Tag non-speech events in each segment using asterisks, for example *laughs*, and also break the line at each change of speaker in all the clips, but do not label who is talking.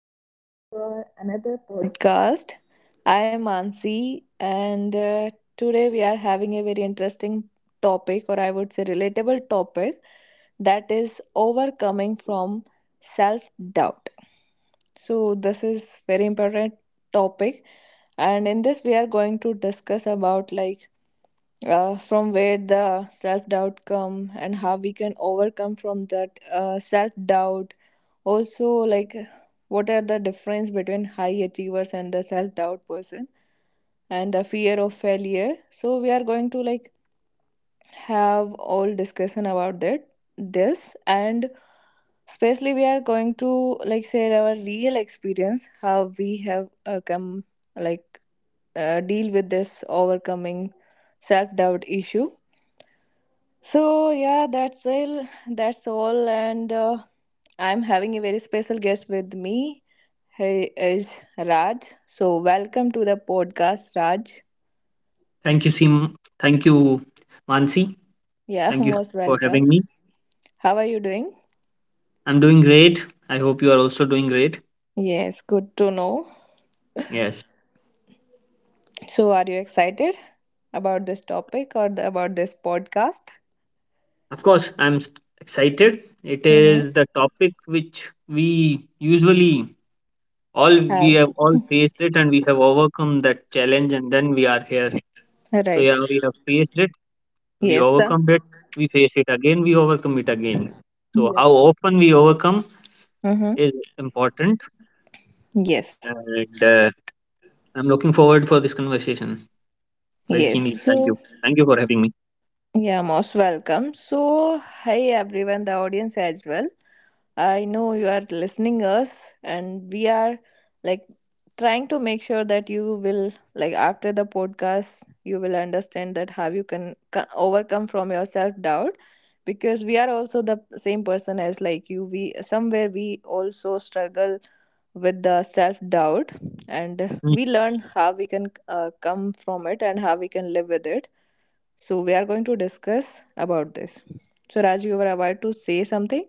welcome to our another podcast. I am Ansi, and today we are having a very interesting topic, or I would say relatable topic, that is overcoming from self doubt. So this is very important topic, and in this we are going to discuss about like from where the self doubt come and how we can overcome from that self doubt also, like what are the difference between high achievers and the self-doubt person and the fear of failure. So we are going to like have all discussion about that this. And especially we are going to like share our real experience how we have come, like deal with this overcoming self-doubt issue. So yeah, that's all and I'm having a very special guest with me. Hey, is Raj. So, welcome to the podcast, Raj.
Thank you, Sim. Thank you, Mansi.
Yeah, *laughs*
Thank you
most
for
welcome.
having me.
How are you doing?
I'm doing great. I hope you are also doing great.
Yes, good to know.
Yes,
So, are you excited about this topic or the, about this podcast?
of course, excited. It
Mm-hmm.
is the topic which we usually all we
Have.
have all faced it and we have overcome that challenge, and then we are here. So,
Right.
yeah, we have faced it, we
Yes, sir.
overcome it, we face it again, we overcome it again. So,
Yeah.
how often we overcome
Mm-hmm.
is important,
Yes.
and I'm looking forward for this conversation. Very
Yes.
keenly. Thank you.
So,
Thank you for having me.
yeah, most welcome. So, hi everyone, the audience as well. I know you are listening us and we are like trying to make sure that you will like, after the podcast, you will understand that how you can overcome from your self doubt, because we are also the same person as like you. We somewhere we also struggle with the self doubt, and
Mm.
we learn how we can come from it and how we can live with it. So we are going to discuss about this. So Raj, you were about to say something.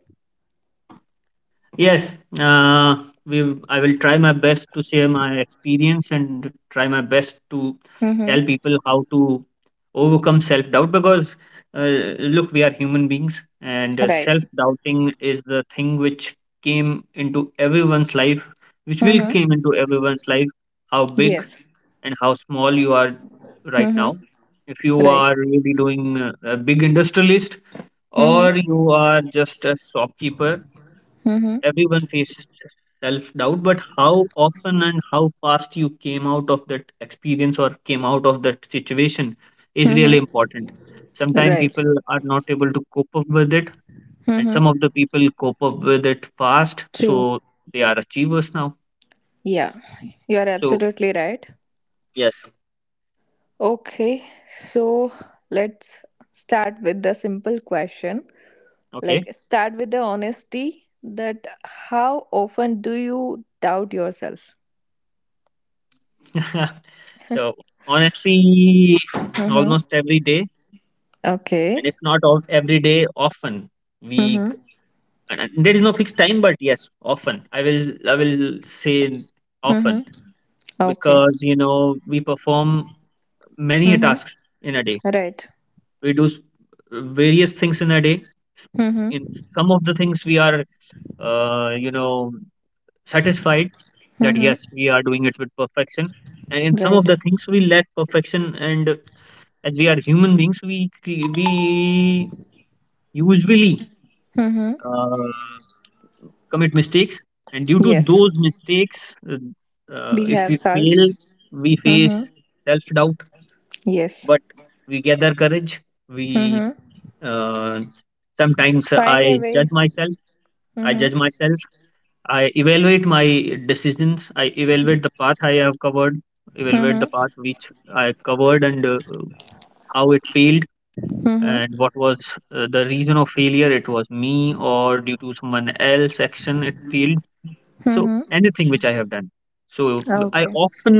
Yes, uh, we. I will try my best to share my experience and try my best to tell
Mm-hmm.
people how to overcome self doubt because uh, look, we are human beings, and
Right.
self doubting is the thing which came into everyone's life, which will came
Mm-hmm.
into everyone's life. How big
Yes.
and how small you are right
Mm-hmm.
now. If you
Right.
are really doing a big industrialist,
Mm-hmm.
or you are just a shopkeeper.
Mm-hmm.
Everyone faces self doubt, but how often and how fast you came out of that experience or came out of that situation is really
Mm-hmm.
important. Sometimes
Right.
people are not able to cope up with it, and
Mm-hmm.
some of the people cope up with it fast,
True.
so they are achievers now.
Yeah, you are
So,
absolutely right.
yes,
Okay, so let's start with the simple question.
okay.
Like, start with the honesty, that how often do you doubt yourself?
*laughs* So, honestly,
Mm-hmm.
almost every day, and
Okay.
if not all, every day, often we
Mm-hmm.
And and there is no fixed time, but yes, often I will say often
Mm-hmm. Okay.
because you know we perform many
Mm-hmm.
tasks in a day.
Right.
We do various things in a day.
Mm-hmm.
In some of the things we are you know satisfied that
Mm-hmm.
yes we are doing it with perfection, and in some of
Right.
the things we lack perfection. And as we are human beings, we cre- we usually.
Mm-hmm.
Uh, commit mistakes and due to
Yes.
those mistakes
We
if
have
we fail
self.
we
Mm-hmm.
face self doubt
Yes.
but we gather courage we
Mm-hmm.
uh, sometimes I
Find a way.
judge myself i
Mm-hmm.
judge myself I evaluate my decisions. I evaluate the path I have covered, evaluate
Mm-hmm.
the path which I covered, and how it failed and
Mm-hmm.
what was the reason of failure. It was me or due to someone else action it failed. So
Mm-hmm.
anything which I have done. So I
Okay.
often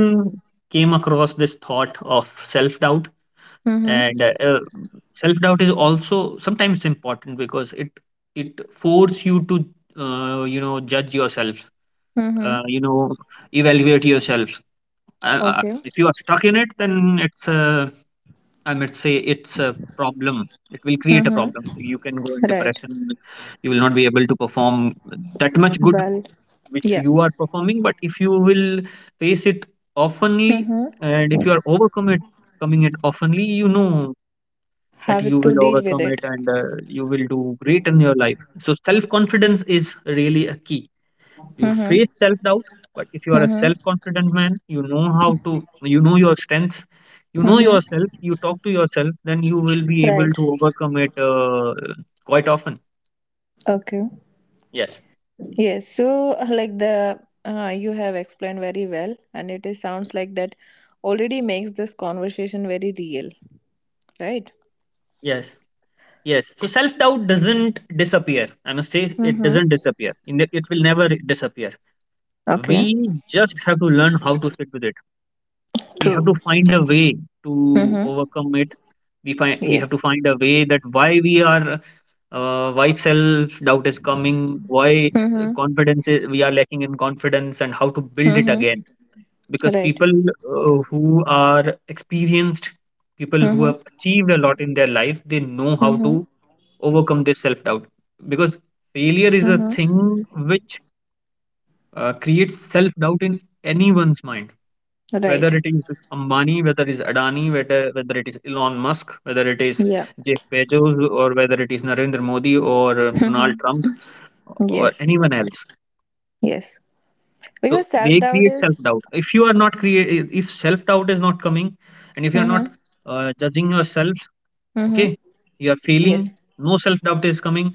came across this thought of self doubt,
Mm-hmm.
and self doubt is also sometimes important because it force you to you know judge yourself,
Mm-hmm.
you know evaluate yourself.
Okay.
If you are stuck in it, then it's a, I might say it's a problem. It will create a problem.
Mm-hmm.
You can go in
Right.
depression. You will not be able to perform that much good
Well.
which
Yeah.
you are performing, but if you will face it oftenly
Mm-hmm.
and if you are overcome it coming it oftenly you know that
Have
you
to
will
deal with
overcome it
it.
and you will do great in your life. So self confidence is really a key. You
Mm-hmm.
face self doubt, but if you are a
Mm-hmm.
self confident man, you know how to, you know your strengths, you know
Mm-hmm.
yourself, you talk to yourself, then you will be able
Right.
to overcome it quite often.
Okay.
Yes,
Yes, so like the you have explained very well, and it is sounds like that already makes this conversation very real, right?
yes. Yes. So self doubt doesn't disappear. I must say it doesn't
Mm-hmm.
disappear. In the, it will never disappear.
Okay.
We just have to learn how to sit with it. We have
True.
to find a way to
Mm-hmm.
overcome it. We have to
Yes.
find a way that why we are why self doubt is coming, why
Mm-hmm.
confidence is, we are lacking in confidence, and how to build it
Mm-hmm.
again. Because
Right.
people who are experienced, people who
Mm-hmm.
have achieved a lot in their life, they know how
Mm-hmm.
to overcome this self doubt because failure is a
Mm-hmm.
thing which creates self doubt in anyone's mind, whether
Right.
it is Ambani, whether it is Adani, whether it is Elon Musk, whether it is
Yeah.
Jeff Bezos, or whether it is Narendra Modi, or Donald
Mm-hmm.
Trump, or
Yes.
anyone else.
Yes.
So
Because
they
self doubt
create self
is.
doubt. If you are not create, if self doubt is not coming, and if you are
Mm-hmm.
not judging yourself.
Mm-hmm.
Okay, you are
Yes.
feeling no self doubt is coming,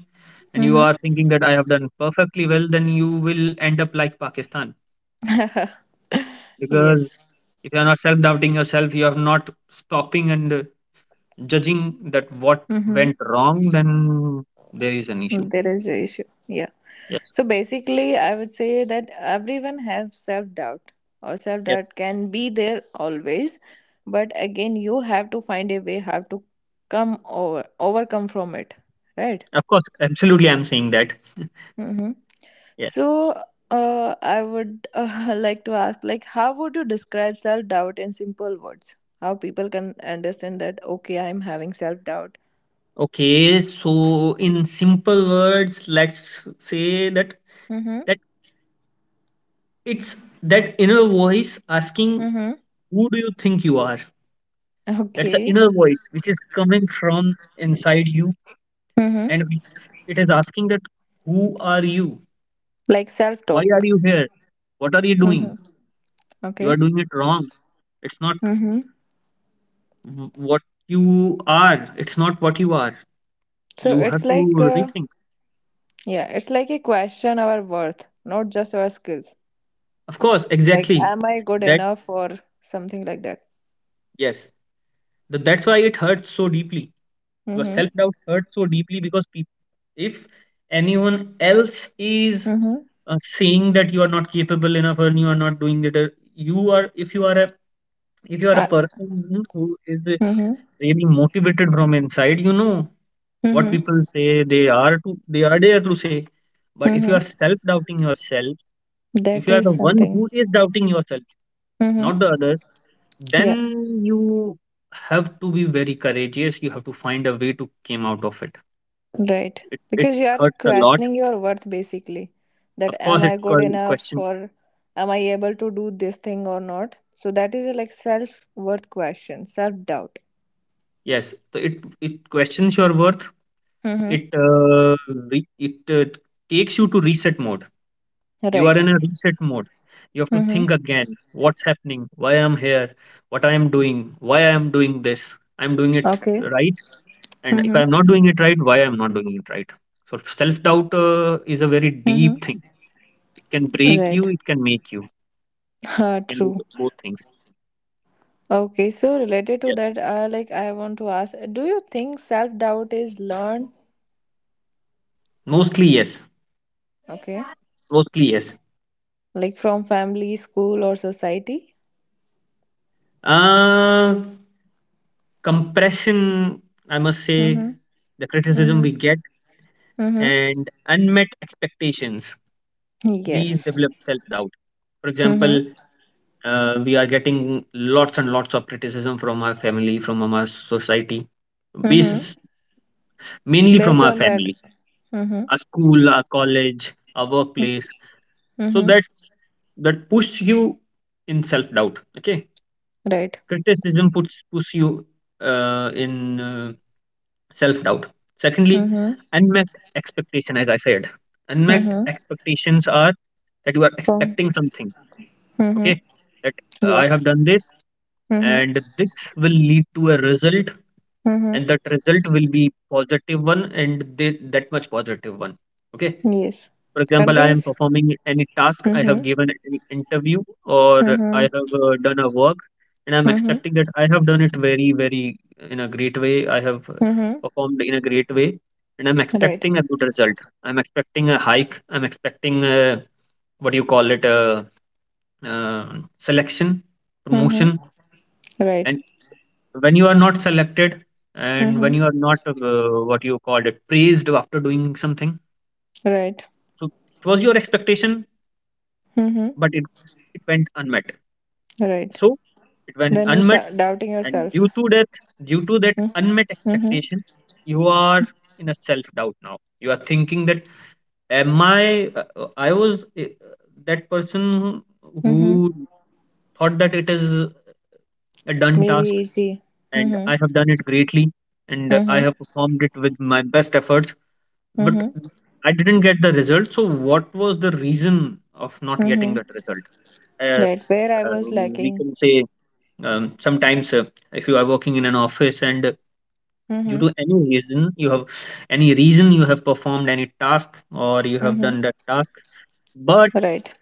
and you
Mm-hmm.
are thinking that I have done perfectly well, then you will end up like Pakistan,
*laughs*
because
yes.
if you are not self doubting yourself, you are not stopping and judging that what
Mm-hmm.
went wrong, then there is an issue.
There is a issue. Yeah.
Yes,
So basically, I would say that everyone has self doubt, or self
yes.
doubt can be there always. But again, you have to find a way how to overcome from it, right?
Of course, absolutely, I'm saying that. *laughs*
Mm-hmm.
Yes.
So, I would *laughs* like to ask, like, how would you describe self doubt in simple words? How people can understand that? Okay, I'm having self doubt.
Okay, so in simple words, let's say that
Mm-hmm.
that it's that inner voice asking,
Mm-hmm. *laughs*
"Who do you think you are?" That's the
Okay.
inner voice which is coming from inside you,
Mm-hmm.
and it is asking that who are you?
Like self
Why are
talk.
you here? What are you
Mm-hmm.
doing? You
Okay.
are doing it wrong. It's not
Mm-hmm.
w- what you are. It's not what you are.
So
You
it's
have
like,
to rethink.
yeah, it's like a question our worth, not just our skills.
Of course,
Like,
exactly.
am I good
That
enough or something like that?
yes. That's why it hurts so deeply. Because self
Mm-hmm.
doubt hurts so deeply because peop if anyone else is
Mm-hmm.
saying that you are not capable enough and you are not doing it you are if you are a, if you are a
Uh,
person who is
mm-hmm.
really motivated from inside, you know what
Mm-hmm.
people say, they are there to say, but if you
Mm-hmm.
are self doubting yourself, if
That
you are
is
the one
something.
who is doubting yourself, not
Mm-hmm.
the others,
Yeah.
then you have to be very courageous. You have to find a way to came out of it.
Right.
It
Because you are
hurts a lot.
questioning your worth basically.
Of
That
course
am I
it's
good
called
enough
question.
or am I able to do this thing or not? So that is a, like self worth question, self doubt.
Yes, so it questions your worth.
Mm-hmm.
It uh, re- it uh, takes you to reset mode. You are
Right.
in a reset mode. You have to
Mm-hmm.
think again what's happening, why I'm here, what I am doing, why I am doing this. I'm doing it
Okay.
right. And if
Mm-hmm.
I'm not doing it right, why I'm not doing it right. So self doubt is a very
Mm-hmm.
deep thing. It can break you,
Right. *laughs*
it can make you. It can do
True.
both things.
Okay. So related to
Yes.
that, like I want to ask, do you think self doubt is learned?
Mostly, yes.
Okay.
Mostly, yes.
Like from family, school, or society?
Uh, Compression, I must say,
Mm-hmm.
the criticism
Mm-hmm.
we get
Mm-hmm.
and unmet expectations. These
Yes.
develop self doubt, for example.
Mm-hmm.
We are getting lots and lots of criticism from our family, from our society,
Mm-hmm.
basis mainly from
Based
our
on that.
family,
Mm-hmm.
our school, our college, our workplace. So
Mm-hmm.
that puts you in self doubt. Okay,
Right.
criticism puts you in self doubt. Secondly,
Mm-hmm.
unmet expectation, as I said, unmet
Mm-hmm.
expectations are that you are
From.
expecting something.
Mm-hmm.
Okay, that I have done
Yes.
this,
Mm-hmm.
and this will lead to a result,
Mm-hmm.
and that result will be positive one and they, that much positive one. Okay,
Yes.
for
And
example, I am
we've.
performing any task, I have
Mm-hmm.
given any interview, or
Mm-hmm.
I have done a work, and I'm
Mm-hmm.
expecting that I have done it very very in a great way, I have
Mm-hmm.
performed in a great way, and I'm
Right.
expecting a good result. I'm expecting a hike, I'm expecting a, what do you call it, a, uh, selection,
Mm-hmm.
promotion.
Right.
When you are not selected, and when you are
Mm-hmm.
not what you called it, praised after doing something,
Right.
so it was your expectation,
Mm-hmm.
but it went unmet,
Right.
so it went
Then you
unmet,
start doubting
and
yourself.
due to that, due to that unmet
Mm-hmm. Mm-hmm.
expectation, you are in a self doubt. Now you are thinking that am I was that person who
Mm-hmm.
thought that it is a done
Very
task
easy.
and
Mm-hmm.
I have done it greatly and I
Mm-hmm.
have performed it with my best efforts. But
Mm-hmm.
I didn't get the result. So what was the reason of not getting
Mm-hmm.
that result? Uh,
Right. Where I
uh,
was
we
lacking.
can say sometimes if you are working in an office and due
Mm-hmm.
to any reason you have any reason you have performed any task or you have
Mm-hmm.
done that task, but
Right.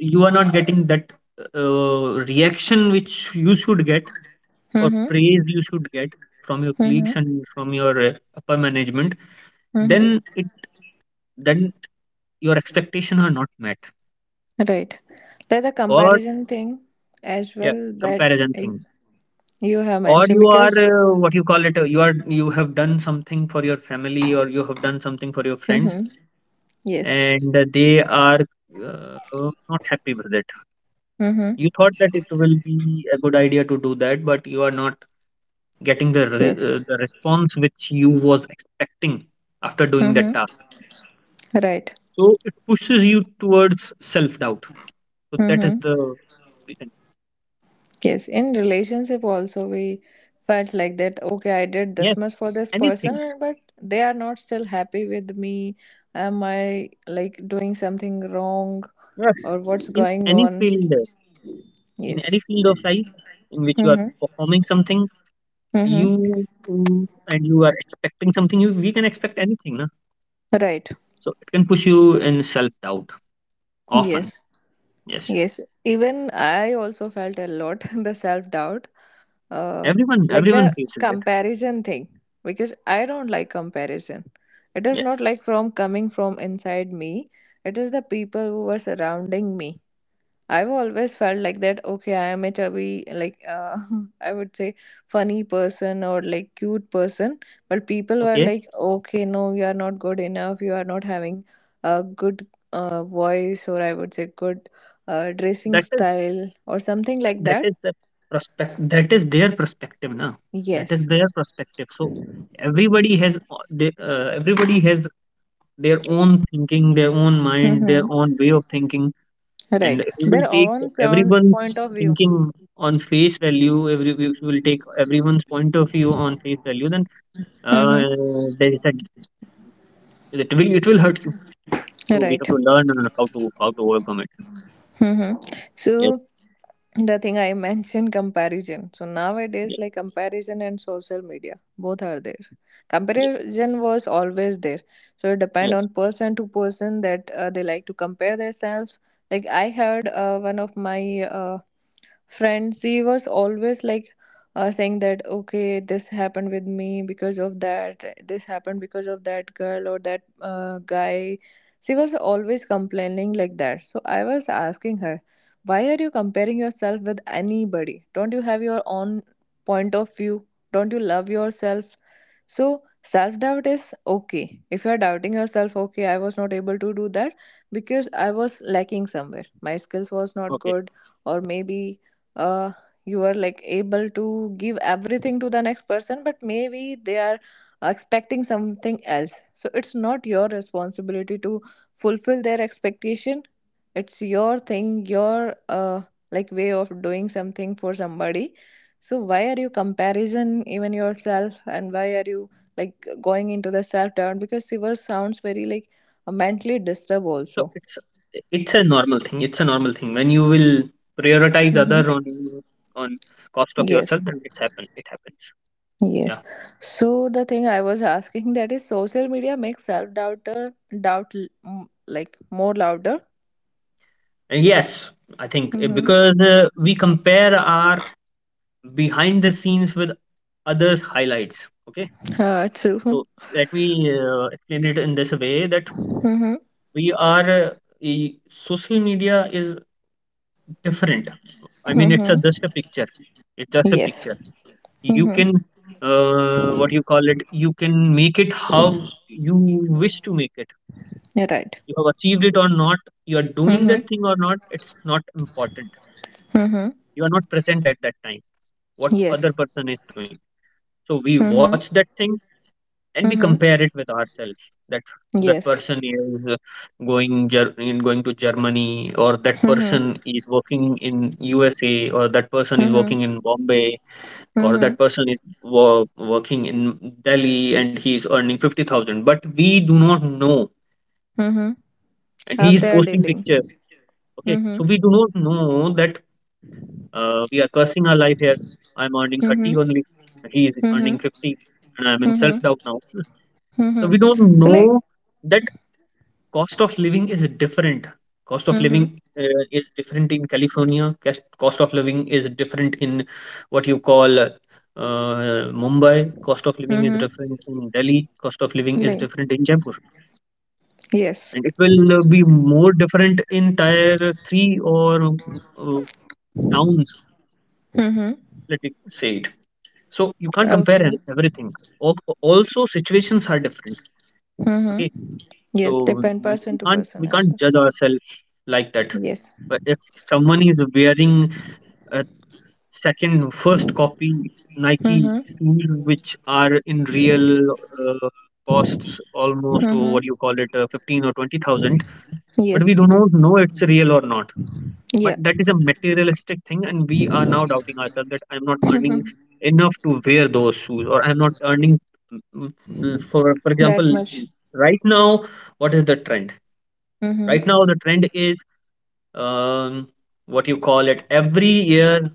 you are not getting that reaction which you should get or
Mm-hmm.
praise you should get from your
Mm-hmm.
colleagues and from your upper management,
Mm-hmm.
then it, then your expectation are not met.
Right. There's a
Or
comparison thing as
yes,
well that
comparison
I-
thing.
you have
Or
mentioned
you are
because.
what you call it, you are, you have done something for your family or you have done something for your friends,
Mm-hmm. Yes.
and they are not happy with it.
Mm-hmm.
You thought that it will be a good idea to do that, but you are not getting the the
Yes.
response which you was expecting after doing
Mm-hmm.
that task.
Right.
So it pushes you towards self doubt. So that is
Mm-hmm.
the reason.
Yes, in relationship also we felt like that, okay, I did this
Yes,
much for this person
anything.
and but they are not still happy with me. Am I like doing something wrong
Yes,
or what's
in
going
any
on?
field, in
Yes.
any field of life in which you are
Mhm.
performing something,
Mhm.
and you are expecting something, you we can expect anything, na?
Right.
So it can push you in self doubt often.
Yes.
Yes,
Yes, even I also felt a lot *laughs* the self doubt, uh,
everyone,
like
everyone
the
faces it.
comparison thing, because I don't like comparison. It is
Yes,
not like from coming from inside me, it is the people who were surrounding me. I've always felt like that, okay, I am a chubby, like, *laughs* I would say funny person or like cute person. But people were
okay,
like, okay, no, you are not good enough. You are not having a good voice or I would say good dressing
that is
style or something like
that
that.
is the prospect. That is their perspective, na? That is
Yes.
their perspective. So everybody has their own thinking, their own mind, their
Mm-hmm.
own way of thinking, and
Right.
if you will
Their
take
own point
everyone's
of view.
thinking on face value. Every if you will take everyone's point of view on face value, then uh,
Mm-hmm.
there is a, it will hurt you. So we have to
Right.
learn on how to overcome it.
Mhm.
Yes,
So the thing I *laughs* mentioned comparison. So nowadays,
yes,
like comparison and social media, both are there.
yes,
Comparison was always there. So it depend
yes.
on person to person that they like to compare themselves. Like I heard one of my friends, he was always like saying that, okay, this happened with me because of that, this happened because of that girl or that guy. She was always complaining like that, so I was asking her, why are you comparing yourself with anybody? Don't you have your own point of view? Don't you love yourself? So self doubt is okay if you are doubting yourself, okay, I was not able to do that because I was lacking somewhere, my skills was not
Okay,
good. Or maybe uh, you are like able to give everything to the next person, but maybe they are expecting something else, so it's not your responsibility to fulfill their expectation. It's your thing, your like way of doing something for somebody. So why are you comparison even yourself, and why are you like going into the self doubt, because Shiva sounds very like mentally disturbed
so
also.
it's a normal thing when you will prioritize other
Mm-hmm.
on on cost of yourself,
Yes.
then it happens.
Yes.
Yeah.
So the thing I was *laughs* asking, that is social media makes self doubter doubt like more louder.
And yes, I think
Mm-hmm.
because we compare our behind the scenes with others highlights. Okay,
True.
so let me explain it in this way that
Mm-hmm.
we are uh, social media is different. I mean, just
Mm-hmm.
a picture. It's just a
Yes.
picture. You
Mm-hmm.
can what you call it you can make it how you wish to make it.
You're right.
You have achieved it or not, you are doing
Mm-hmm.
that thing or not, it's not important.
Mm-hmm.
You are not present at that time, what
Yes.
other person is doing. So we
Mm-hmm.
watch that thing and we
Mm-hmm.
compare it with ourselves, that that
Yes.
person is going to Germany, or that
Mm-hmm.
person is working in USA, or that person is
Mm-hmm.
working in Bombay, or that
Mm-hmm.
person is working in Delhi and he is earning 50,000, but we do not know.
Mm-hmm.
And
How
he is
they are
posting
dealing.
pictures. Okay,
Mm-hmm.
so we do not know that we are cursing our life here. I'm earning
Mm-hmm.
30 only, he is earning
Mm-hmm.
50, and I'm in self
Mm-hmm.
doubt now. *laughs* So
Mm-hmm.
we don't
So like.
know that. Cost of living is different. Cost of
Mm-hmm.
living is different in California. Cost of living is different in, what you call, Mumbai. Cost of living is
Mm-hmm.
different in Delhi. Cost of living is
Like.
different in Jaipur.
Yes.
And it will be more different in tier three or uh, towns,
Mm-hmm.
let me say it. So you can't compare
Okay.
everything. Al- Also, situations are different. Okay,
Mm-hmm. Yes,
so
depend person
we
to
can't
person
we
as
can't
well.
judge ourselves like that.
Yes.
But if someone is wearing a first copy Nike
Mm-hmm.
shoes, which are in real costs almost, or
Mm-hmm.
what do you call it, 15 or 20,000, but we
Yes.
do not know it's real or not. But
Yeah.
that is a materialistic thing, and we are now doubting ourselves that I'm not earning
Mm-hmm.
enough to wear those shoes, or I'm not earning. For
That
example,
much.
right now, what is the trend?
Mm-hmm.
Right now, the trend is, um, what you call it every year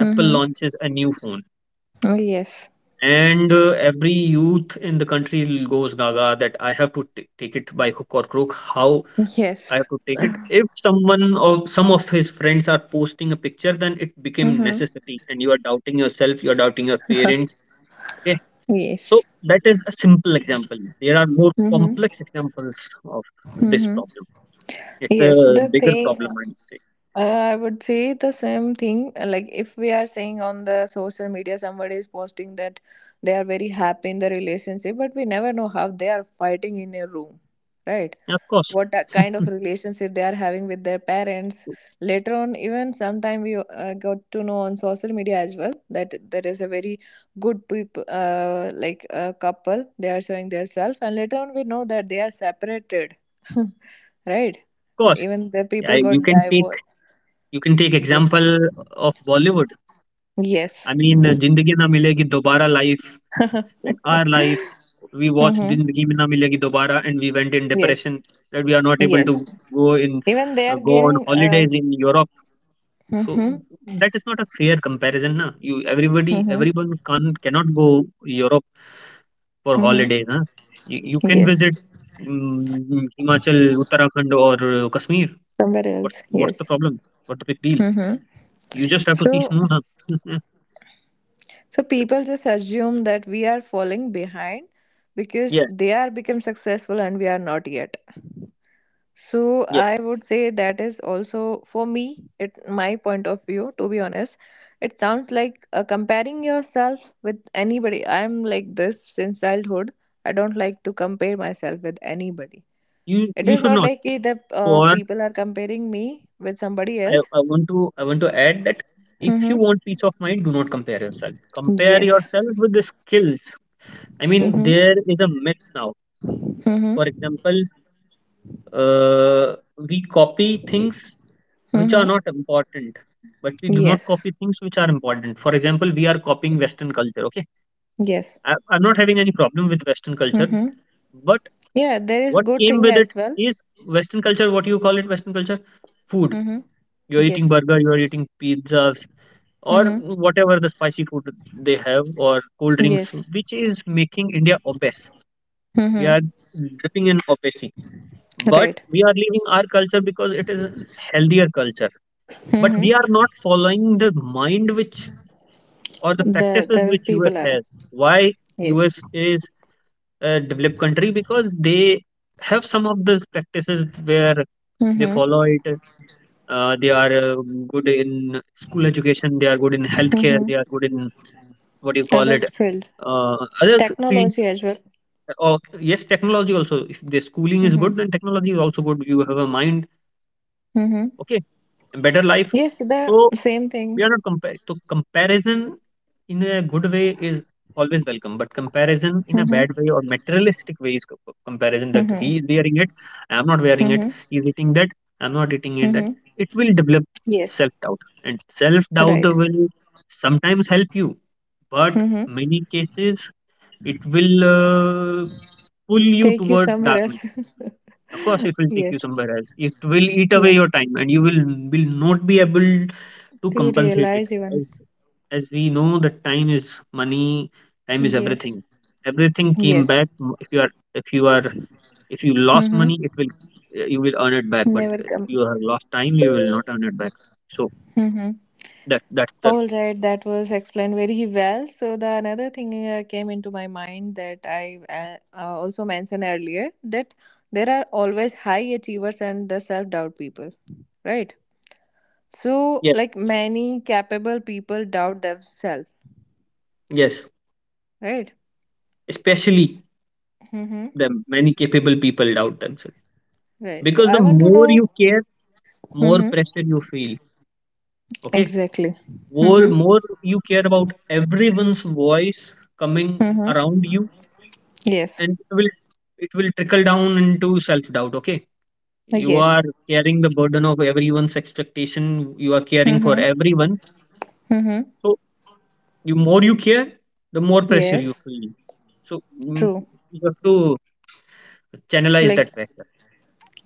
Apple
Mm-hmm.
launches a new phone,
Yes.
and every youth in the country goes gaga that I have to take it by hook or crook. How I have
Yes.
to take it? If someone or some of his friends are posting a picture, then it became
Mm-hmm.
necessity, and you are doubting yourself, you are doubting your
*laughs*
parents. Okay, so
yes.
that is a simple example. There are more
Mm-hmm.
complex examples of this
Mm-hmm.
problem. It's a
Yes. The
bigger
thing
problem, I would say.
I would say the same thing. Like if we are saying on the social media, somebody is posting that they are very happy in the relationship, but we never know how they are fighting in a room, right?
Of course.
What that
*laughs* Of
kind of relationship they are having with their parents later on. Even sometime we got to know on social media as well that there is a very good people, like a couple, they are showing their self, and later on we know that they are separated. *laughs* Right,
course.
even the people
I, you
got
can take
divorced.
you can take
Yes.
example of Bollywood.
Yes.
I mean Zindagi Na Milegi Dobara life and our life. We watch
Mm-hmm.
Zindagi में Na Milegi Dobara and we went in
Yes.
Depression. That we are not able
Yes,
to go in.
even they are
go on
giving
holidays in Europe. So
mm-hmm.
That is not a fair comparison ना. You everybody
Mm-hmm.
Everyone can can go Europe for
Mm-hmm.
Holidays ना. You can
Yes.
Visit Himachal Uttarakhand और Kashmir.
Somewhere else.
What's what's the
Yes.
Problem what the big deal.
Mm-hmm.
You just have to see
So,
snow ना. *laughs*
so people just assume that we are falling behind because
Yes,
they are become successful and we are not yet. So
yes.
I would say that is also for me, it my point of view, to be honest. It sounds like comparing yourself with anybody. I'm like this since childhood. I don't like to compare myself with anybody.
you
It
you
is
should
not
not.
like the
for
people are comparing me with somebody
I
else.
I want to add that, if you want
Mm-hmm.
peace of mind, do not compare yourself. Compare yourself
Yes.
with the skills. I mean,
Mm-hmm.
there is a myth now.
Mm-hmm.
For example, uh, we copy things which
Mm-hmm.
are not important, but we do not
Yes.
copy things which are important. For example, we are copying Western culture. Okay,
Yes.
I'm not having any problem with Western culture,
Mm-hmm.
but
Yeah, there is
what
good
came
thing
with it
as well.
is Western culture. What you call it, Western culture? Food.
Mm-hmm.
You're eating
Yes.
burger. You're eating pizzas. Or
Mm-hmm.
whatever the spicy food they have or cold drinks,
Yes.
which is making India obese. We
Mm-hmm.
are dripping in obesity, but
Right.
we are leaving our culture because it is a healthier culture. But
Mm-hmm.
we are not following the mind which or the
The
practices
there is
which
people
US
are.
has. Why
Yes.
US is a developed country because they have some of those practices where they
Mm-hmm.
follow it. They are good in school education. They are good in healthcare.
Mm-hmm.
They are good in, what do you call
Other
it,
field.
Other fields,
Technology as well.
or yes, technology also. If the schooling is good,
Mm-hmm.
then technology is also good. You have a mind,
Mm-hmm.
okay, and better life.
Yes, the
So
same
we are
thing.
not compare. So comparison in a good way is always welcome, but comparison in a bad
Mm-hmm.
way or materialistic way is comparison, that
Mm-hmm.
he is wearing it, I am not wearing it.
Mm-hmm.
He is eating that, I am not eating it. That,
Mm-hmm.
it will develop
Yes.
self doubt, and self doubt
Right.
will sometimes help you, but
Mm-hmm.
many cases it will pull you
Take you
towards
somewhere
darkness.
else.
Of course, it
*laughs*
will take you
yes.
somewhere else. It will eat away
Yeah.
your time, and you will not be able to
To
compensate it.
realize even.
As as we know, that time is money. Time is
Yes.
everything. Everything came
Yes.
back. If you are if you lost money, it
Mm-hmm.
will you will earn it back. But if
Overcome.
you have lost time, you will not earn it back. So
Mm-hmm.
that that's the
All right, that was explained very well. So the another thing came into my mind that I also mentioned earlier, that there are always high achievers and the self doubt people, right? So
yes,
like many capable people doubt themselves,
yes.
right?
Especially
Mm-hmm.
the many capable people doubt themselves,
Right, so
because the
I want to
more
know.
you care, more
Mm-hmm.
pressure you feel. Okay,
Exactly.
more
Mm-hmm.
more you care about everyone's voice coming
Mm-hmm.
around you,
Yes.
and it will trickle down into self doubt. Okay, you are
Yes.
carrying the burden of everyone's expectation, you are caring for
Mm-hmm.
everyone.
Mm-hmm.
So you more you care, the more pressure you
Yes.
feel. So
True.
you have to channelize
Like.
that pressure.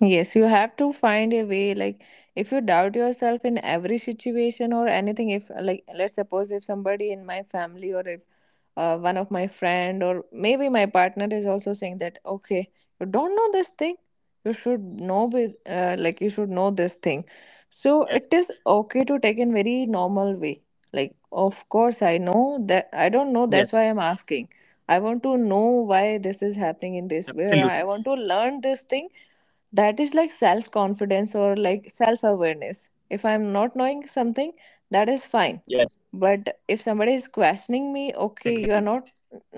Yes, you have to find a way. Like, if you doubt yourself in every situation or anything, if, like, let's suppose if somebody in my family or if one of my friend or maybe my partner is also saying that, okay, you don't know this thing, you should know with like, you should know this thing, so it
Yes,
is okay to take in very normal way. Like, of course,
yes.
I know that I don't know, that's why I'm asking. I want to know
Absolutely.
why this is happening in this way, or I want to learn this thing. That is like self confidence or like self awareness. If I'm not knowing
Yes.
something, that is fine. But if
Exactly.
somebody is questioning me, okay, you are not,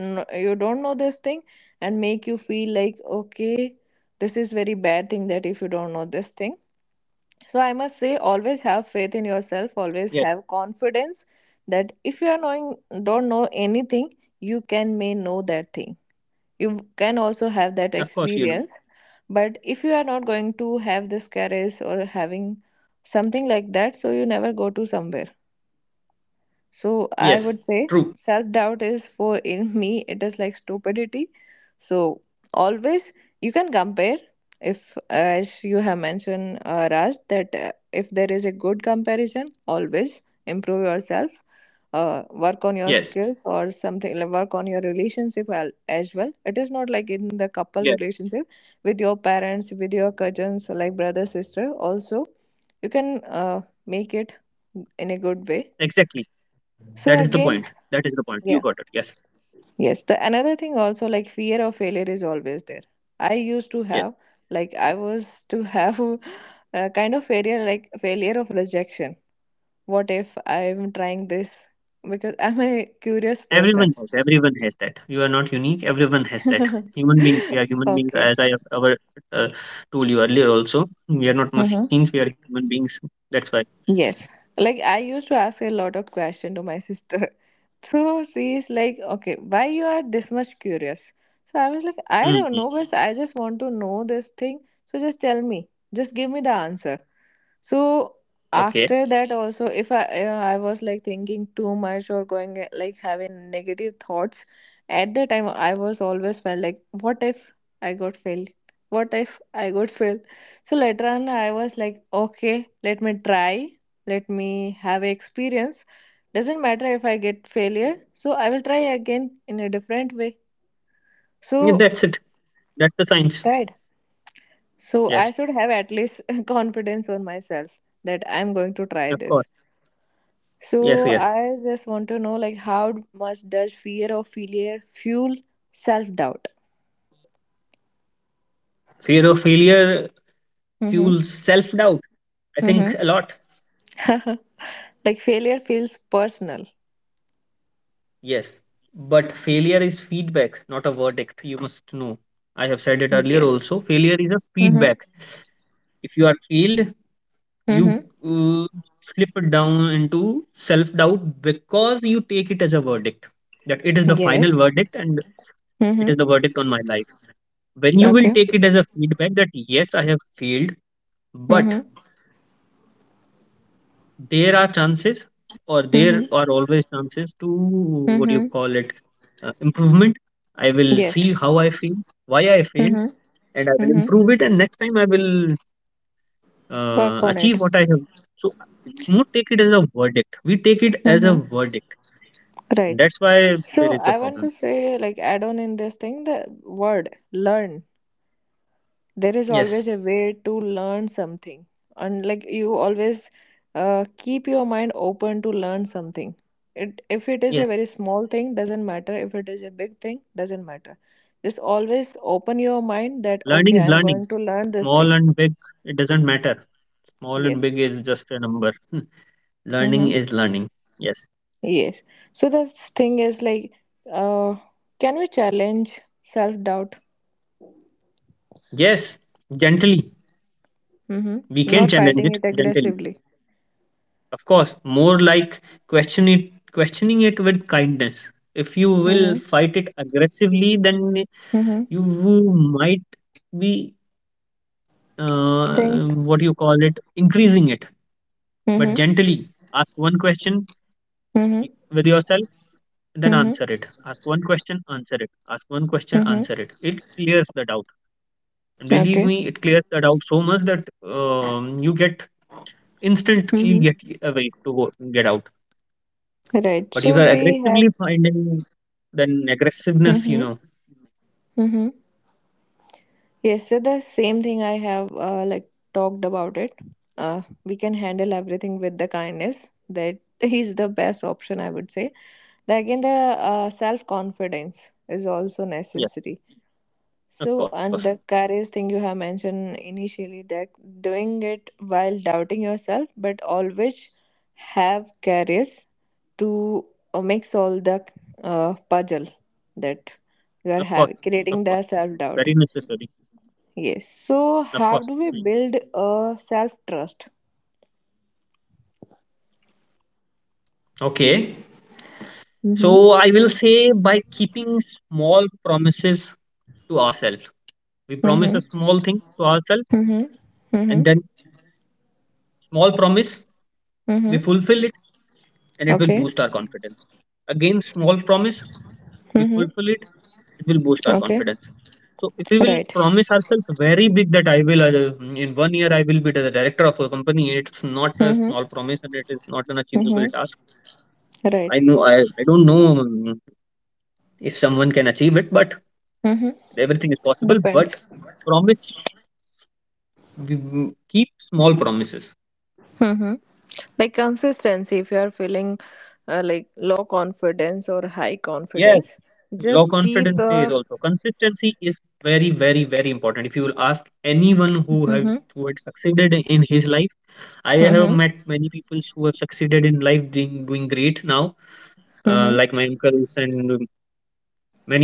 you don't know this thing, and make you feel like, okay, this is very bad thing that if you don't know this thing. So I must say, always have
Yes.
faith in yourself, always have confidence, that if you are knowing, don't know anything, you can may know that thing, you can
Of
also
course.
have that experience. But if you are not going to have this courage or having something like that, so you never go to somewhere.
Yes,
So I
true.
would say self doubt is, for in me, it is like stupidity. So always you can compare, if, as you have mentioned, Raj, that if there is a good comparison, always improve yourself, work
Yes,
on your skills or something, like work on your relationship as well. It is not like in the
yes.
couple relationship, with your parents, with your cousins, like brother, sister also, you can make it in a good way.
Exactly. That is
So
the point.
again,
That is the point. You got
yeah.
it. Yes.
Yes. The another thing also, like fear of failure is always there. I used to
Yes.
have, like I was to have *laughs* a kind of failure, like failure of rejection. What if I'm trying this, because I'm a curious person.
Everyone has. Everyone has that. You are not unique. Everyone has that.
*laughs*
Human beings. We are human
Okay.
beings. As I have ever uh, told you earlier, also, we are not machines. We are human beings. That's why.
Yes. Like I used to ask a lot of question to my sister. *laughs* So she's like, okay, why you are this much curious? So I was like, I don't know,
Hmm.
but I just want to know this thing. So just tell me. Just give me the answer. So
Okay.
after that also, if I I was like thinking too much or going, like having negative thoughts, at the time I was always felt like, what if I got failed? What if I got *laughs* failed? So later on, I was like, okay, let me try, let me have a experience. Doesn't matter if I get failure, so I will try again in a different way.
Yeah,
So
that's it. That's the science.
right. So I
Yes.
should have at least *laughs* confidence on myself, that I'm going to try
Of
this.
course.
So
Yes. Yes.
I just want to know, like, how much does fear of failure fuel self doubt?
Fear of failure
Mm-hmm.
fuels self-doubt. I
Mm-hmm.
think a lot.
*laughs* Like failure feels personal.
Yes. But failure is feedback, not a verdict. You must know. I have said it earlier
Yes.
also. Failure is a
Mm-hmm.
feedback. If you are failed, you
Mm-hmm.
uh, slip it down into self-doubt because you take it as a verdict, that it is the final
Yes.
verdict and it
Mm-hmm.
is the verdict on my life. When you will
Okay.
take it as a feedback that yes, I have failed, but
Mm-hmm.
there are chances, or there are
Mm-hmm.
always chances to, what do you
Mm-hmm.
call it, improvement. I will see
Yes.
how I feel, why I failed,
Mm-hmm.
and I will
Mm-hmm.
improve it. And next time I will
Work on it.
achieve what I have. So, we don't take it as a verdict. We take it as a
Mm-hmm.
verdict. And
Right.
that's why there
So
is a
I want
problem.
to say, like, add on in this thing the word learn. There is
Yes.
always a way to learn something, and like you always keep your mind open to learn something. It, if it is a
Yes.
very small thing, doesn't matter. If it is a big thing, doesn't matter. Just always open your mind that
Learning
okay,
is
I'm
learning.
going to learn this
Small
thing.
and big, it doesn't matter. Small and
Yes.
big is just a number. *laughs* Learning is learning. Yes.
Yes. So the thing is like, uh, can we challenge self doubt?
Yes. Gently. We
Mm-hmm.
can
Not
challenge
fighting
it
it
gently.
aggressively.
Of course. More like questioning it with kindness. If you will
Mm-hmm.
fight it aggressively, then
Mm-hmm.
you might be, uh,
Think.
what you call it increasing it. But
Mm-hmm.
gently ask one question
Mm-hmm.
with yourself, then answer
Mm-hmm.
it. Ask one question, answer it. Ask one question,
Mm-hmm.
answer it. It clears the doubt. And believe
Okay.
me, it clears the doubt so much that you get instantly
Mm-hmm.
get away to go get out.
Right.
But if you
So
are
we
aggressively
have.
finding, then aggressiveness,
Mm-hmm. Mm-hmm. Yes, so the same thing I have, like talked about it. We can handle everything with the kindness. That *laughs* is the best option, I would say. The, again, the self confidence is also
yes,
necessary.
of
So,
course,
and the courage thing you have mentioned initially, that doing it while doubting yourself, but always have courage to mix all the puzzle that you
of
are
course,
having,
of
creating
course,
the self doubt.
very necessary,
Yes. So,
of
how
course.
do we
Mm.
build a self trust?
Okay,
Mm-hmm.
so I will say by keeping small promises to ourselves, we promise
Mm-hmm.
a small thing to ourselves,
Mm-hmm. Mm-hmm.
and then, small promise, we
Mm-hmm.
fulfill it, and it will
Okay.
boost our confidence. Again, small promise, we fulfill
Mm-hmm.
it, it will boost our
Okay.
confidence. So if we will
Right.
promise ourselves very big that I will, in 1 year, I will be the director of a company, it's not a
Mm-hmm.
small promise and it is not an achievable
Mm-hmm.
task.
Right.
I know, I don't know, if someone can achieve it, but
Mm-hmm.
everything is possible.
Depends.
But promise, we keep small promises.
Mm-hmm. Like consistency, if you are feeling like low confidence or high
Yes,
confidence,
low
just keep.
confidence days
Uh,
also, consistency is very, very, very important. If you will ask anyone
mm-hmm.
who had succeeded in his life. I have
Mm-hmm.
met many people who have succeeded in life, doing great now,
Mm-hmm.
like my uncles and,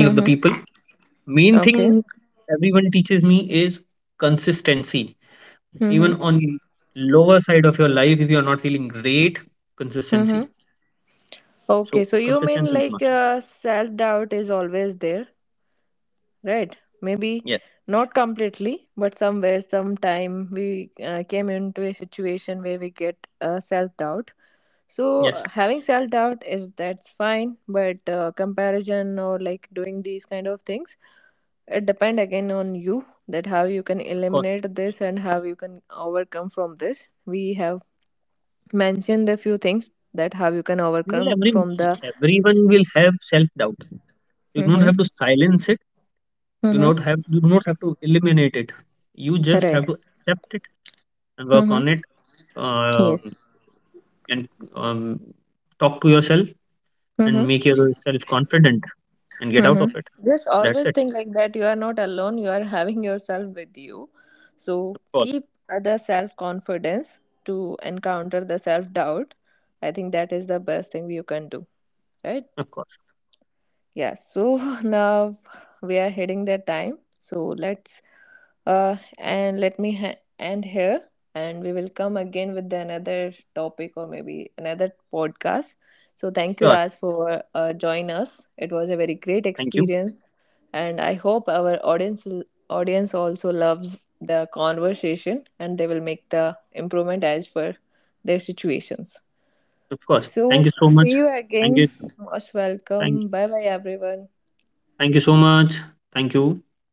many of the people. Main
Okay.
thing everyone teaches me is consistency.
Mm-hmm.
Even on lower side of your life, if you are not feeling great,
Mm-hmm.
consistency.
Okay, so
So
you mean
consistency
like
is must.
self doubt is always there, right? Maybe
Yes,
not completely, but somewhere, sometime we came into a situation where we get self doubt. So
yes,
having self doubt is that's fine, but comparison or like doing these kind of things, it depend again on you, that how you can
of course.
eliminate this and how you can overcome from this. We have mentioned a few things that how you can overcome
You will
from
every
the.
Everyone will have self doubt. You
Mhm.
don't have to silence it.
Mm-hmm.
You don't have to eliminate it. You
Right.
just have to accept it and
Mm-hmm.
work on it, um,
Yes.
and um, talk to yourself
Mm-hmm.
and make yourself confident and
Mm-hmm.
get out of it.
Just always
That's
think
it.
like that. You are not alone. You are having yourself with you. So
Of
keep
course,
other self confidence to encounter the self doubt. I think that is the best thing you can do. Right.
of course.
Yeah, so *laughs* now we are heading the time. So let's, and let me end here, and we will come again with another topic or maybe another podcast. So thank you, Raj,
Sure.
for join us. It was a very great
Thank you.
experience, and I hope our audience also loves the conversation, and they will make the improvement as per their situations.
Of course.
So
Thank you so
see you
much.
again.
Thank you.
Most welcome.
Thank
Bye
you.
bye, everyone.
Thank you so much. Thank you.